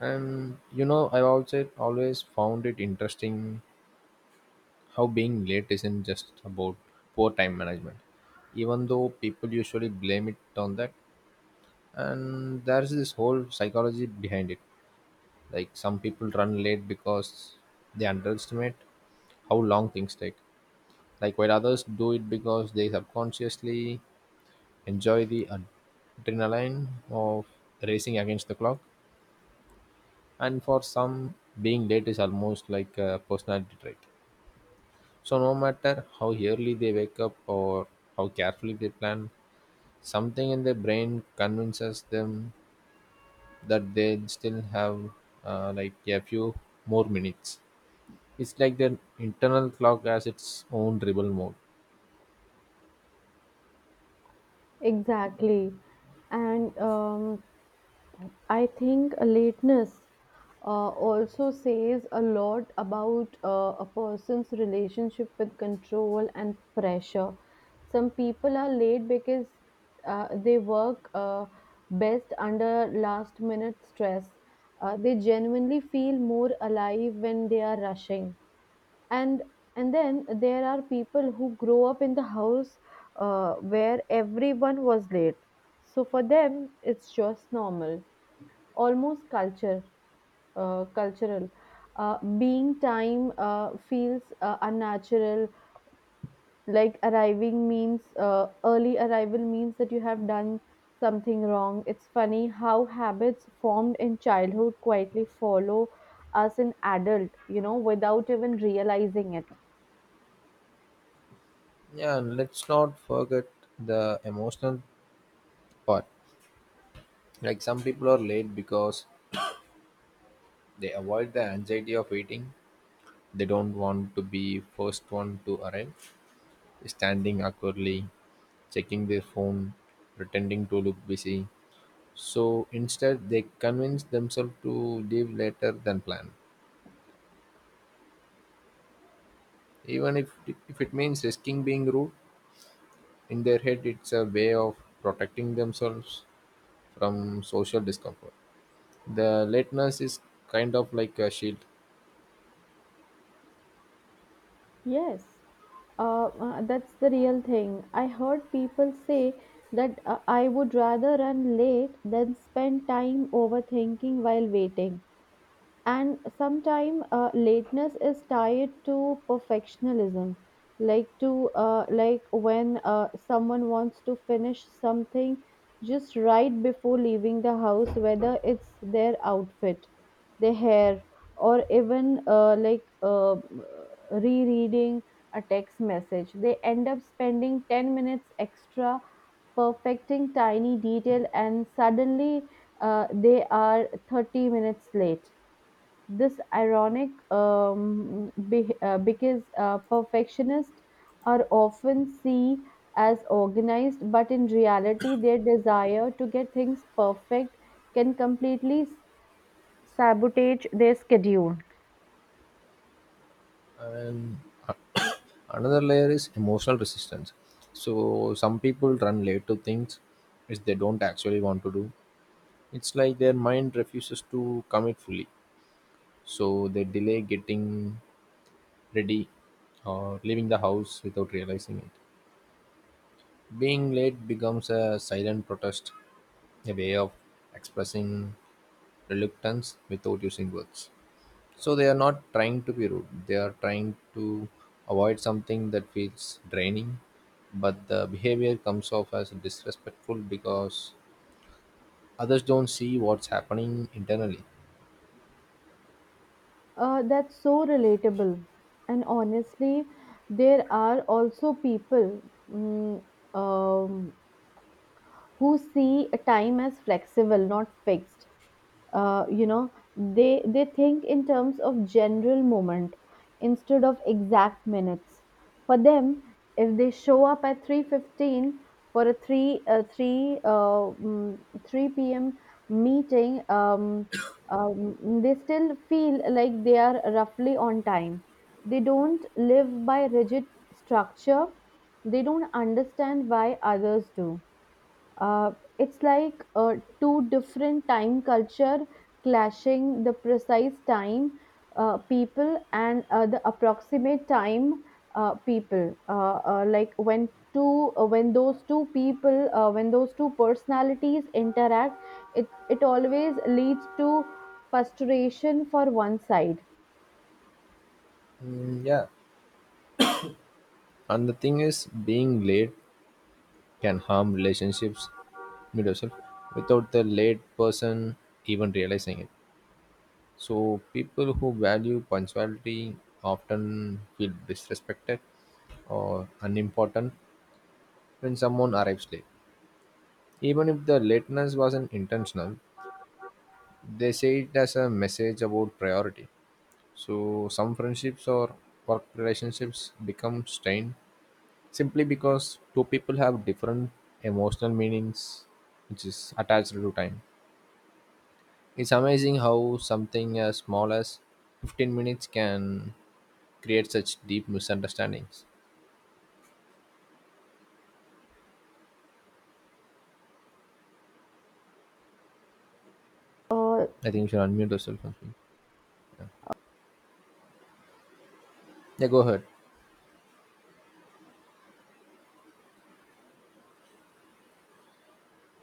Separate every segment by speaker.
Speaker 1: And you know, I've also always found it interesting how being late isn't just about poor time management, even though people usually blame it on that. And there's this whole psychology behind it. Like some people run late because they underestimate how long things take. Like while others do it because they subconsciously enjoy the adrenaline of racing against the clock. And for some, being late is almost like a personality trait. So no matter how early they wake up or how carefully they plan, something in their brain convinces them that they still have like a few more minutes. It's like their internal clock has its own rebel mode.
Speaker 2: Exactly. And I think lateness uh, also says a lot about a person's relationship with control and pressure. Some people are late because they work best under last minute stress. They genuinely feel more alive when they are rushing and and then there are people who grow up in the house where everyone was late, so for them it's just normal, almost culture, cultural, being time feels unnatural. Like arriving means early arrival means that you have done something wrong. It's funny how habits formed in childhood quietly follow us in adult without even realizing it.
Speaker 1: Yeah, and let's not forget the emotional part. Like some people are late because they avoid the anxiety of waiting. They don't want to be first one to arrive, standing awkwardly checking their phone, pretending to look busy. So instead, they convince themselves to leave later than planned. Even if it means risking being rude, in their head, it's a way of protecting themselves from social discomfort. The lateness is kind of like a shield.
Speaker 2: Yes, that's the real thing. I heard people say that I would rather run late than spend time overthinking while waiting. And sometimes lateness is tied to perfectionism, like when someone wants to finish something just right before leaving the house, whether it's their outfit, their hair, or even rereading a text message. They end up spending 10 minutes extra perfecting tiny detail, and suddenly they are 30 minutes late. This ironic because perfectionists are often seen as organized, but in reality, their desire to get things perfect can completely sabotage their schedule.
Speaker 1: And another layer is emotional resistance. So some people run late to things which they don't actually want to do. It's like their mind refuses to commit fully. So they delay getting ready or leaving the house without realizing it, being late becomes a silent protest, a way of expressing reluctance without using words. So they are not trying to be rude, they are trying to avoid something that feels draining, but the behavior comes off as disrespectful because others don't see what's happening internally.
Speaker 2: That's so relatable. And honestly, there are also people, mm, um, who see a time as flexible, not fixed. uh, you know they think in terms of general moment instead of exact minutes. For them, if they show up at 3:15 for a 3 p.m. meeting, they still feel like they are roughly on time. They don't live by rigid structure. They don't understand why others do. uh, it's like two different time culture clashing, the precise time people and the approximate time people. Uh, like when two when those two people When those two personalities interact, it always leads to frustration for one side.
Speaker 1: Mm, yeah. And the thing is, being late can harm relationships mid yourself without the late person even realizing it. So people who value punctuality often feel disrespected or unimportant when someone arrives late. Even if the lateness wasn't intentional, they say it as a message about priority. So some friendships or work relationships become strained simply because two people have different emotional meanings which is attached to time. It's amazing how something as small as 15 minutes can create such deep misunderstandings.
Speaker 2: uh,
Speaker 1: I think you should unmute yourself. I think. Yeah. Yeah, go ahead.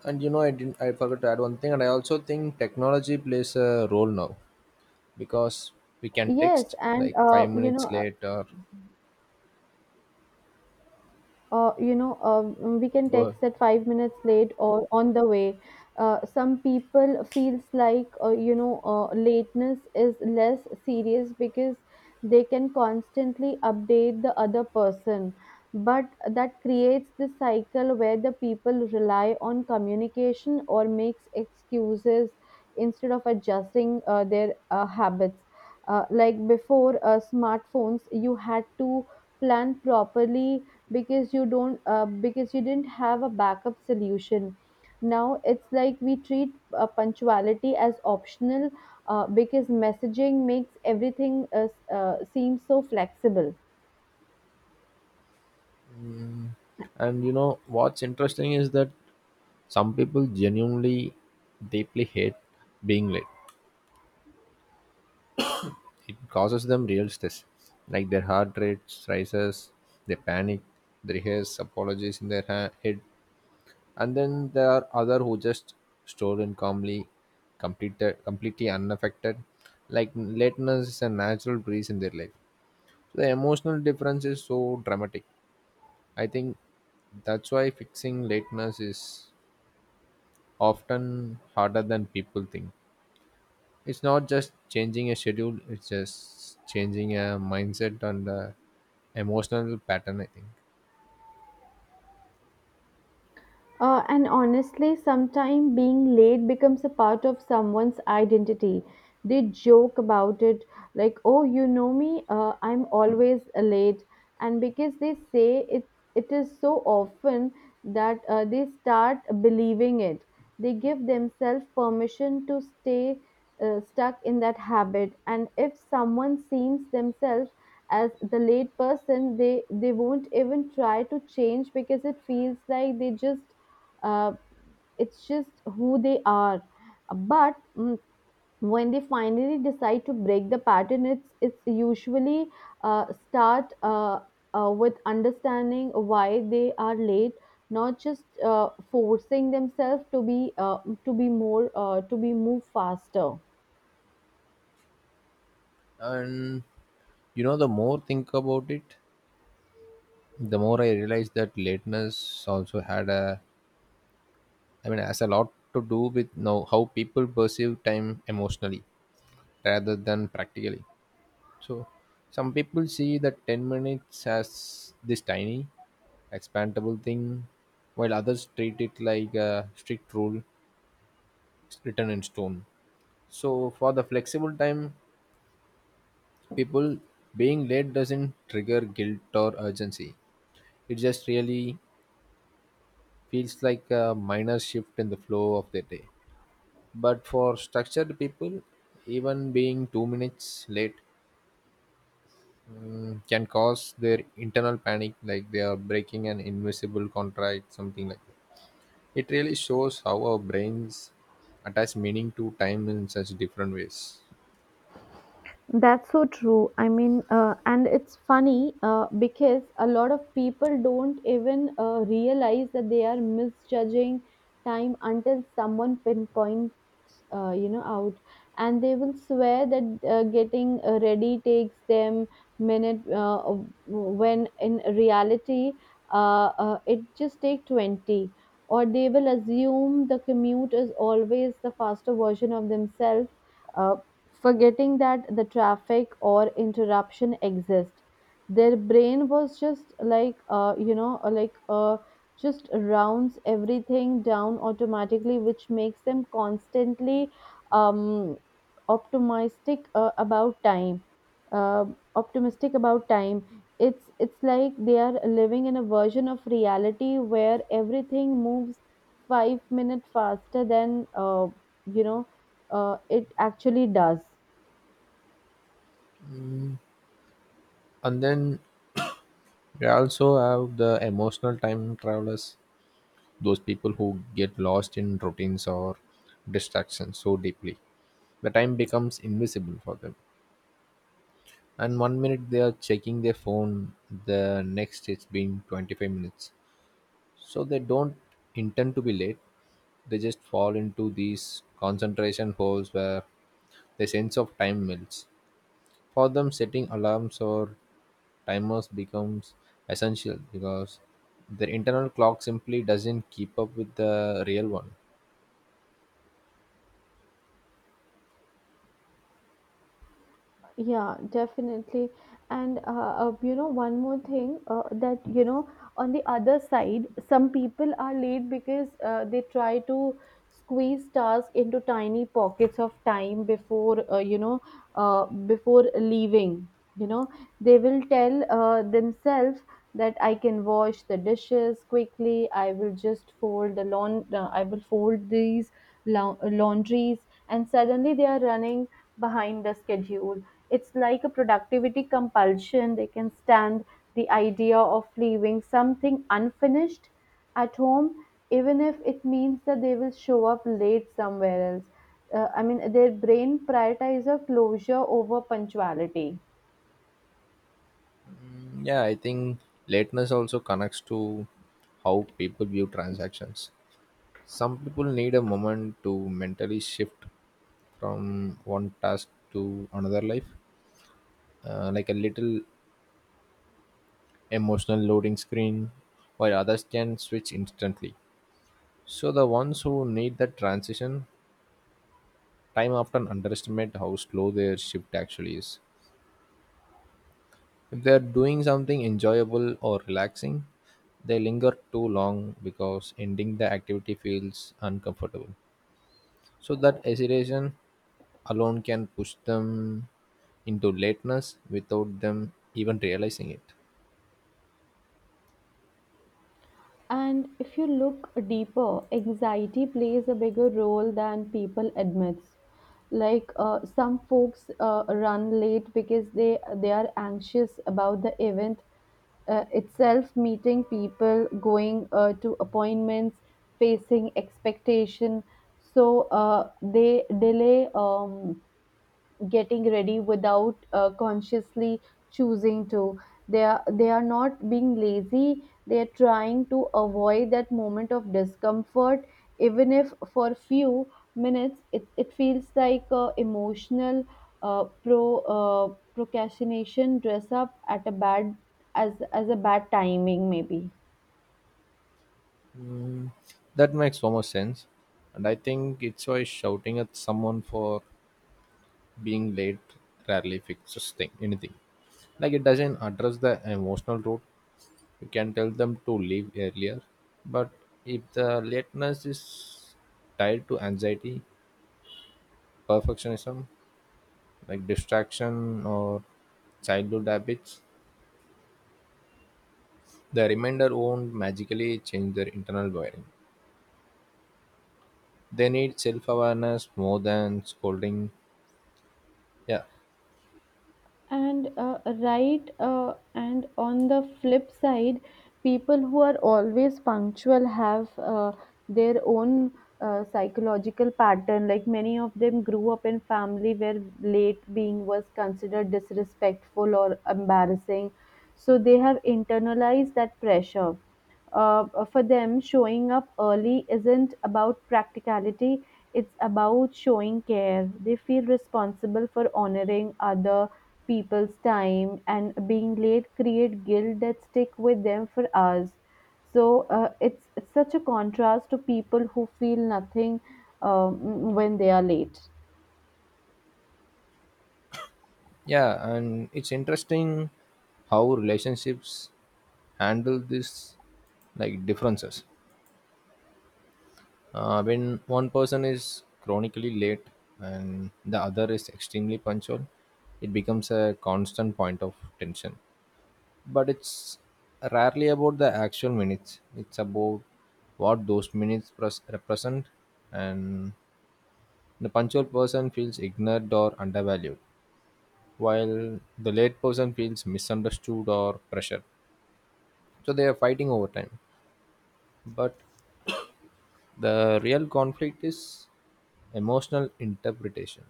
Speaker 1: And you know, I didn't. I forgot to add one thing, and I also think technology plays a role now because we can
Speaker 2: yes,
Speaker 1: text
Speaker 2: and
Speaker 1: like five minutes late. Or
Speaker 2: uh, you know, uh, we can
Speaker 1: go ahead.
Speaker 2: text at 5 minutes late or on the way. Some people feels like, lateness is less serious because they can constantly update the other person. But that creates the cycle where the people rely on communication or makes excuses instead of adjusting their habits. Like before smartphones, you had to plan properly because you don't because you didn't have a backup solution. Now it's like we treat punctuality as optional because messaging makes everything seem so flexible.
Speaker 1: And you know what's interesting is that some people genuinely deeply hate being late. It causes them real stress, like their heart rate rises, they panic, they rehearse apologies in their head, and then there are other who just store in calmly, completely unaffected. Like lateness is a natural breeze in their life. So, the emotional difference is so dramatic. I think that's why fixing lateness is often harder than people think. It's not just changing a schedule, it's just changing a mindset and the emotional pattern, I think.
Speaker 2: And honestly, sometimes being late becomes a part of someone's identity. They joke about it, like, "Oh, you know me, I'm always late," and because they say it, it is so often that they start believing it. They give themselves permission to stay stuck in that habit, and if someone seems themselves as the late person, they won't even try to change because it feels like they just uh, it's just who they are. But when they finally decide to break the pattern, it's usually start with understanding why they are late, not just forcing themselves to be move faster.
Speaker 1: And you know, the more think about it, the more I realize that lateness also had a, I mean, has a lot to do with now how people perceive time emotionally rather than practically. So, some people see that 10 minutes as this tiny, expandable thing, while others treat it like a strict rule written in stone. So for the flexible time people, being late doesn't trigger guilt or urgency. It just really feels like a minor shift in the flow of the day. But for structured people, even being 2 minutes late can cause their internal panic, like they are breaking an invisible contract, something like that. It really shows how our brains attach meaning to time in such different ways.
Speaker 2: That's so true. I mean, and it's funny because a lot of people don't even realize that they are misjudging time until someone pinpoints, out, and they will swear that getting ready takes them minute, when in reality it just take 20. Or they will assume the commute is always the faster version of themselves, uh, forgetting that the traffic or interruption exist. Their brain was just like just rounds everything down automatically, which makes them constantly um, optimistic about time uh, optimistic about time. It's like they are living in a version of reality where everything moves 5 minutes faster than you know it actually does.
Speaker 1: And then we also have the emotional time travelers, those people who get lost in routines or distractions so deeply. The time becomes invisible for them. And one minute they are checking their phone, the next it's been 25 minutes. So they don't intend to be late, they just fall into these concentration holes where the sense of time melts. For them, setting alarms or timers becomes essential because their internal clock simply doesn't keep up with the real one.
Speaker 2: Yeah, definitely. And one more thing on the other side, some people are late because they try to squeeze tasks into tiny pockets of time before leaving. You know, they will tell themselves that I can wash the dishes quickly. I will just fold the lawn. I will fold these laundries, and suddenly they are running behind the schedule. It's like a productivity compulsion. They can stand the idea of leaving something unfinished at home, even if it means that they will show up late somewhere else. I mean, their brain prioritizes closure over punctuality.
Speaker 1: Mm, yeah, I think lateness also connects to how people view transactions. Some people need a moment to mentally shift from one task to another life, like a little emotional loading screen, while others can switch instantly. So the ones who need that transition time often underestimate how slow their shift actually is. If they are doing something enjoyable or relaxing, they linger too long because ending the activity feels uncomfortable. So that hesitation alone can push them into lateness without them even realizing it.
Speaker 2: And if you look deeper, anxiety plays a bigger role than people admits. Like some folks run late because they are anxious about the event itself, meeting people, going to appointments, facing expectation. So they delay. Getting ready without consciously choosing to, they are not being lazy, they are trying to avoid that moment of discomfort, even if for few minutes it, it feels like emotional uh, pro procrastination dress up at a bad, as a bad timing maybe.
Speaker 1: Mm, that makes so much sense. And I think it's why shouting at someone for being late rarely fixes thing anything. Like it doesn't address the emotional root. You can tell them to leave earlier, but if the lateness is tied to anxiety, perfectionism, like distraction or childhood habits, the remainder won't magically change their internal wiring. They need self awareness more than scolding. Yeah,
Speaker 2: And and on the flip side, people who are always punctual have their own psychological pattern. Like many of them grew up in family where late being was considered disrespectful or embarrassing, so they have internalized that pressure. uh, for them, showing up early isn't about practicality, it's about showing care. They feel responsible for honoring other people's time, and being late create guilt that stick with them for hours. So it's such a contrast to people who feel nothing when they are late.
Speaker 1: yeah, and it's interesting how relationships handle this like differences. When one person is chronically late and the other is extremely punctual, it becomes a constant point of tension. But it's rarely about the actual minutes, it's about what those represent. And the punctual person feels ignored or undervalued, while the late person feels misunderstood or pressured. So they are fighting over time. But the real conflict is emotional interpretation.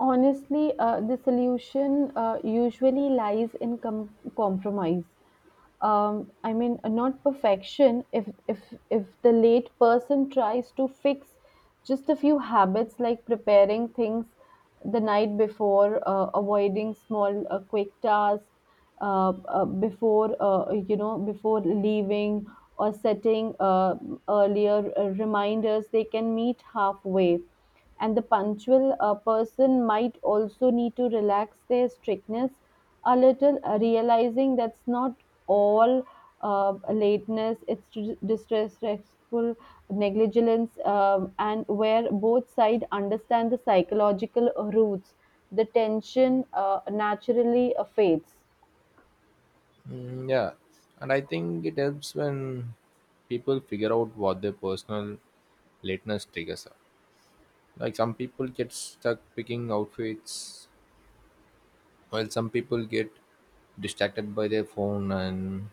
Speaker 2: Honestly, the solution usually lies in compromise. I mean, not perfection. If the late person tries to fix just a few habits like preparing things the night before, avoiding small quick tasks, before you know before leaving, or setting earlier reminders, they can meet halfway. And the punctual person might also need to relax their strictness a little, realizing that's not all lateness, it's disrespectful negligence. And where both sides understand the psychological roots, the tension naturally fades.
Speaker 1: Mm, yeah, and I think it helps when people figure out what their personal lateness triggers are. Like some people get stuck picking outfits, while some people get distracted by their phone, and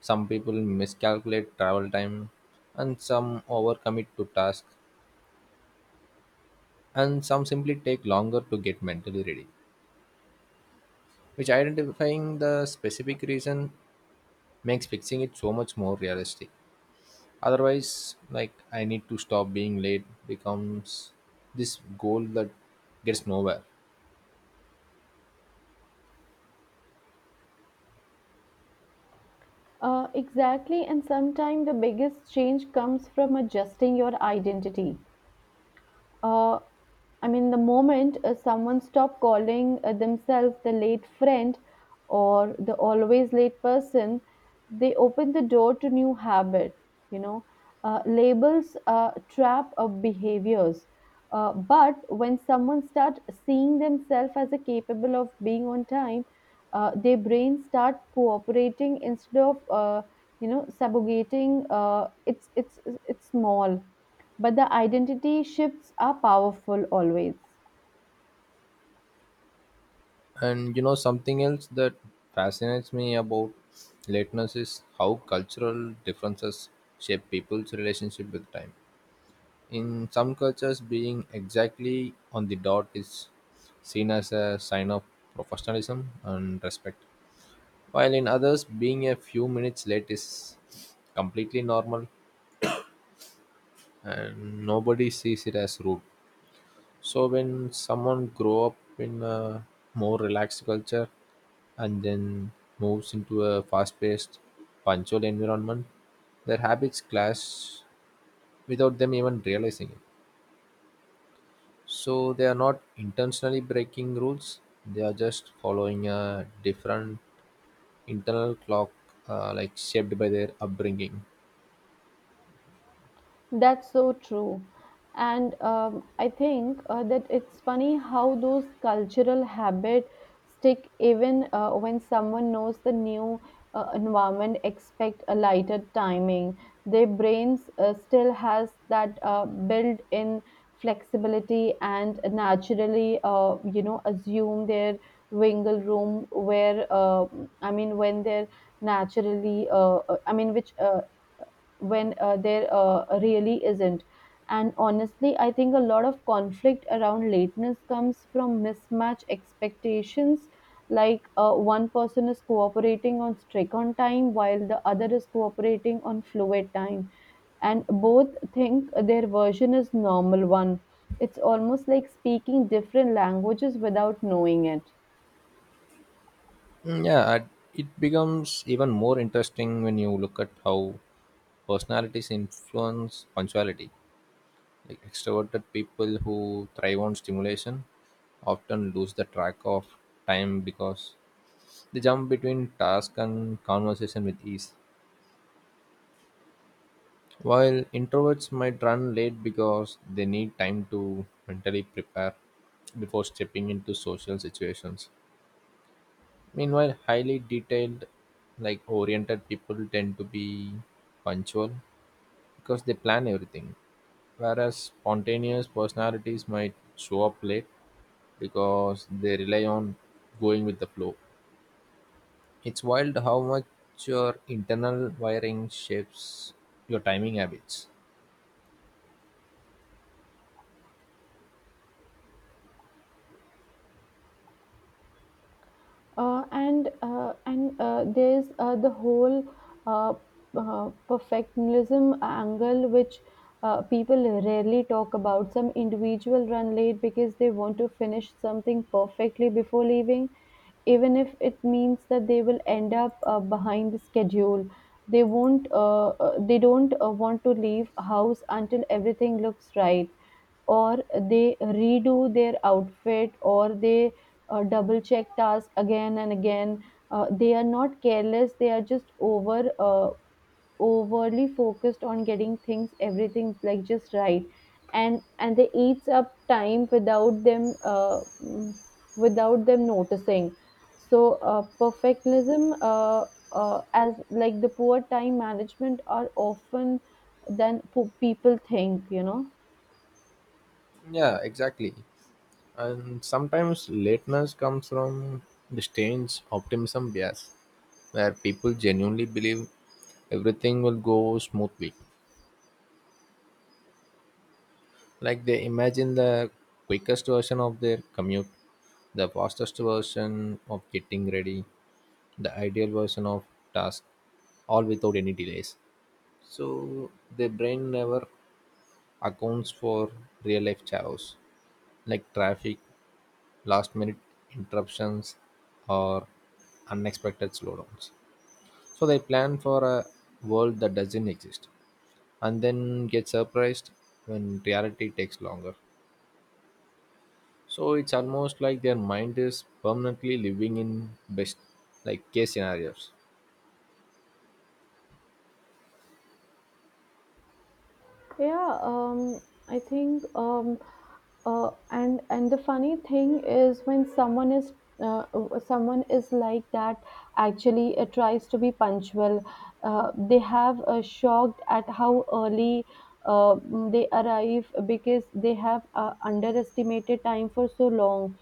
Speaker 1: some people miscalculate travel time, and some overcommit to tasks, and some simply take longer to get mentally ready. Which identifying the specific reason makes fixing it so much more realistic. Otherwise, like I need to stop being late becomes this goal that gets nowhere.
Speaker 2: Exactly, and sometimes the biggest change comes from adjusting your identity. uh, I mean, the moment someone stop calling themselves the late friend or the always late person, they open the door to new habit. You know, labels trap of behaviors. But when someone start seeing themselves as a capable of being on time, their brain start cooperating instead of sabotating. It's small, but the identity shifts are powerful always.
Speaker 1: And you know, something else that fascinates me about lateness is how cultural differences shape people's relationship with time. In some cultures, being exactly on the dot is seen as a sign of professionalism and respect, while in others, being a few minutes late is completely normal and nobody sees it as rude. So when someone grow up in a more relaxed culture and then moves into a fast-paced, punctual environment, their habits clash without them even realizing it. So they are not intentionally breaking rules; they are just following a different internal clock, like shaped by their upbringing.
Speaker 2: That's so true. And I think that it's funny how those cultural habits stick even when someone knows the new environment, expect a lighter timing. Their brains still has that built-in flexibility and naturally, assume their wiggle room where, I mean, when they're naturally, I mean, which when there really isn't. And honestly, I think a lot of conflict around lateness comes from mismatch expectations. Like one person is cooperating on strict on time while the other is cooperating on fluid time, and both think their version is normal one. It's almost like speaking different languages without knowing it.
Speaker 1: Mm, yeah, it becomes even more interesting when you look at how personalities influence punctuality. Like extroverted people who thrive on stimulation often lose the track of time because they jump between task and conversation with ease. While introverts might run late because they need time to mentally prepare before stepping into social situations. Meanwhile, highly detailed, like oriented people tend to be punctual because they plan everything, whereas spontaneous personalities might show up late because they rely on going with the flow. It's wild how much your internal wiring shapes your timing habits.
Speaker 2: And there's The whole uh, perfectionism angle which people rarely talk about, some individual run late because they want to finish something perfectly before leaving, even if it means that they will end up behind the schedule. They don't want to leave house until everything looks right, or they redo their outfit, or they double check task again and again. They are not careless. They are just overly focused on getting things everything like just right, and they eats up time without them, without them noticing. So perfectionism as like the poor time management are often than people think. You know.
Speaker 1: Yeah, exactly. And sometimes lateness comes from the strange optimism bias, where people genuinely believe everything will go smoothly. Like they imagine the quickest version of their commute, the fastest version of getting ready, the ideal version of task, all without any delays. So the brain never accounts for real life chaos like traffic, last minute interruptions, or unexpected slowdowns. So they plan for a world that doesn't exist and then get surprised when reality takes longer. So it's almost like their mind is permanently living in best like case scenarios.
Speaker 2: Yeah, I think, um, and the funny thing is when someone is like that, actually, it tries to be punctual. They have shocked at how early uh, they arrive because they have underestimated time for so long.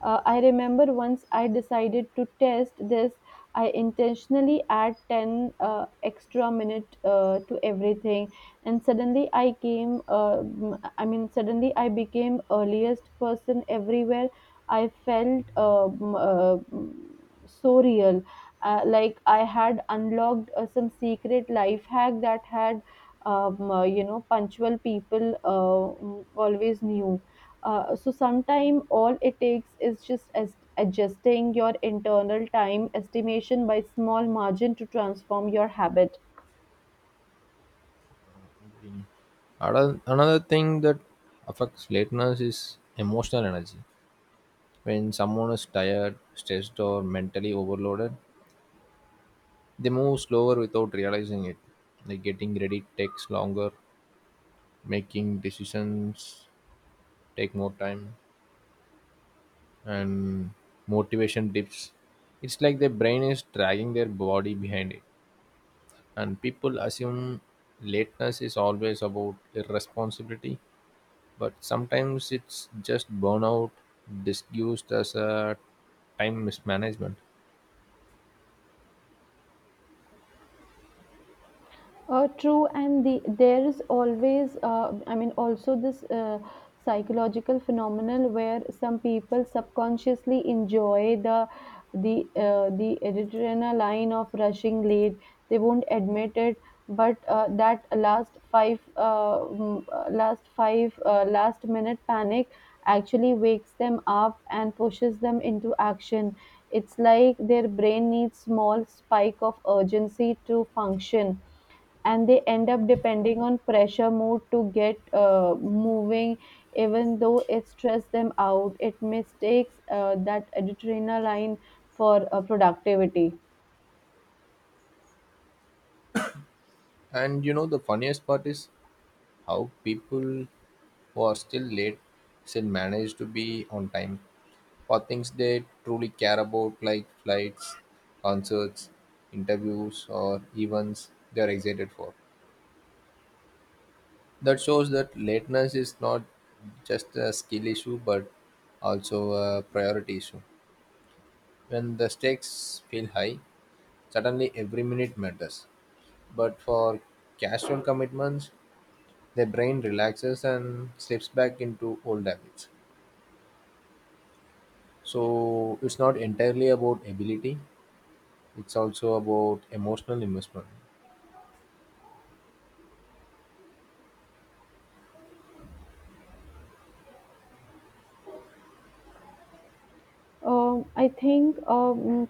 Speaker 2: I remember once I decided to test this. I intentionally add 10 extra minute to everything, and suddenly I became earliest person everywhere. I felt, so real, like I had unlocked some secret life hack that had punctual people always knew. So sometime all it takes is just as adjusting your internal time estimation by small margin to transform your habit.
Speaker 1: Another thing that affects lateness is emotional energy. When someone is tired, stressed, or mentally overloaded, they move slower without realizing it. Like getting ready takes longer, making decisions take more time, and motivation dips. It's like their brain is dragging their body behind it. And people assume lateness is always about irresponsibility, but sometimes it's just burnout disguised as a time mismanagement.
Speaker 2: True, and the there is always, I mean, also this psychological phenomenon where some people subconsciously enjoy the adrenaline of rushing late. They won't admit it, but that last five, mm, last five, last minute panic actually wakes them up and pushes them into action. It's like their brain needs small spike of urgency to function, and they end up depending on pressure mood to get moving. Even though it stress them out, it mistakes that adrenaline for productivity.
Speaker 1: And you know, the funniest part is how people who are still late still manage to be on time for things they truly care about, like flights, concerts, interviews, or events they're excited for. That shows that lateness is not just a skill issue but also a priority issue. When the stakes feel high, suddenly every minute matters. But for casual commitments, the brain relaxes and slips back into old habits. So it's not entirely about ability, it's also about emotional investment.
Speaker 2: I think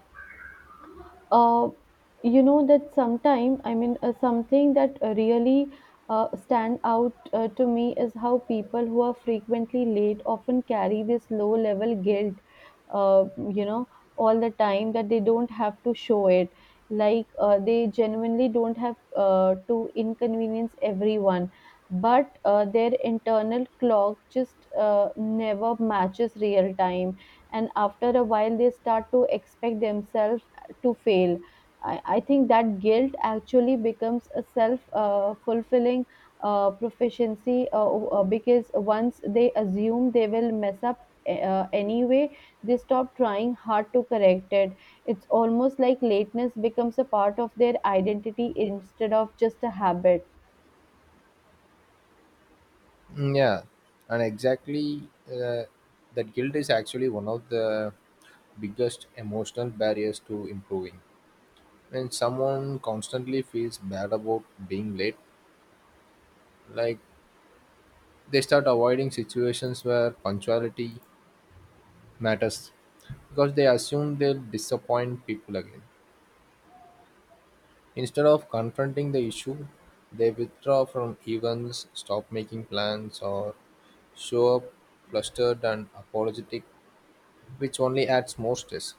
Speaker 2: uh, you know That sometime I mean something that really stand out to me is how people who are frequently late often carry this low level guilt uh, you know all the time, that they don't have to show it. Like they genuinely don't have to inconvenience everyone, but their internal clock just never matches real time, and after a while they start to expect themselves to fail. I think that guilt actually becomes a self fulfilling proficiency, because once they assume they will mess up anyway, they stop trying hard to correct it. It's almost like lateness becomes a part of their identity instead of just a habit.
Speaker 1: Mm, yeah, and exactly, that guilt is actually one of the biggest emotional barriers to improving. When someone constantly feels bad about being late, like they start avoiding situations where punctuality matters because they assume they'll disappoint people again. Instead of confronting the issue, they withdraw from events, stop making plans, or show up flustered and apologetic, which only adds more stress.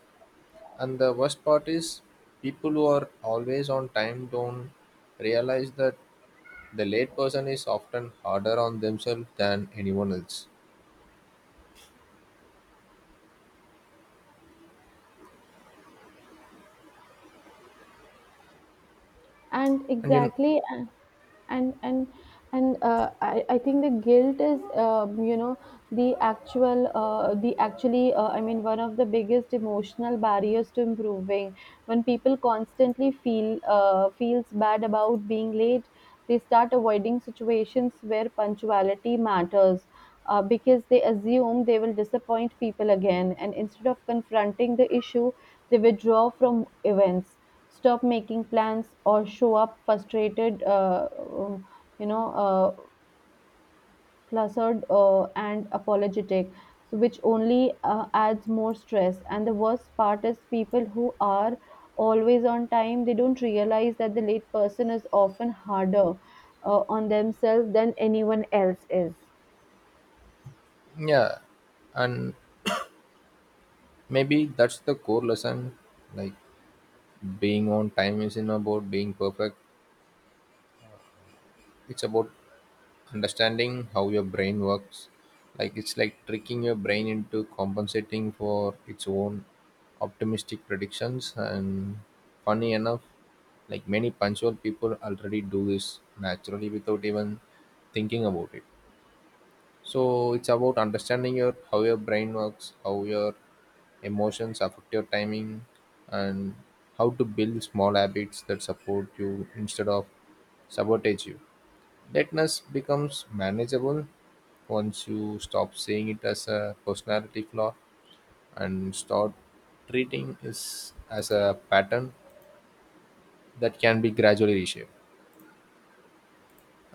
Speaker 1: And the worst part is, people who are always on time don't realize that the late person is often harder on themselves than anyone else.
Speaker 2: And
Speaker 1: And you,
Speaker 2: exactly and and and I think the guilt is the actual the actually I mean one of the biggest emotional barriers to improving. When people constantly feels bad about being late, they start avoiding situations where punctuality matters because they assume they will disappoint people again, and instead of confronting the issue, they withdraw from events, stop making plans, or show up frustrated, you know uh, flustered and apologetic, so which only adds more stress. And the worst part is, people who are always on time, they don't realize that the late person is often harder on themselves than anyone else is.
Speaker 1: yeah, and maybe that's the core lesson, like being on time isn't about being perfect, it's about understanding how your brain works, like it's like tricking your brain into compensating for its own optimistic predictions. And funny enough, like many punctual people already do this naturally without even thinking about it. So it's about understanding your how your brain works, how your emotions affect your timing, and how to build small habits that support you instead of sabotage you. Lateness becomes manageable once you stop seeing it as a personality flaw and start treating it as a pattern that can be gradually reshaped.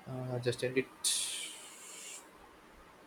Speaker 1: Just end it.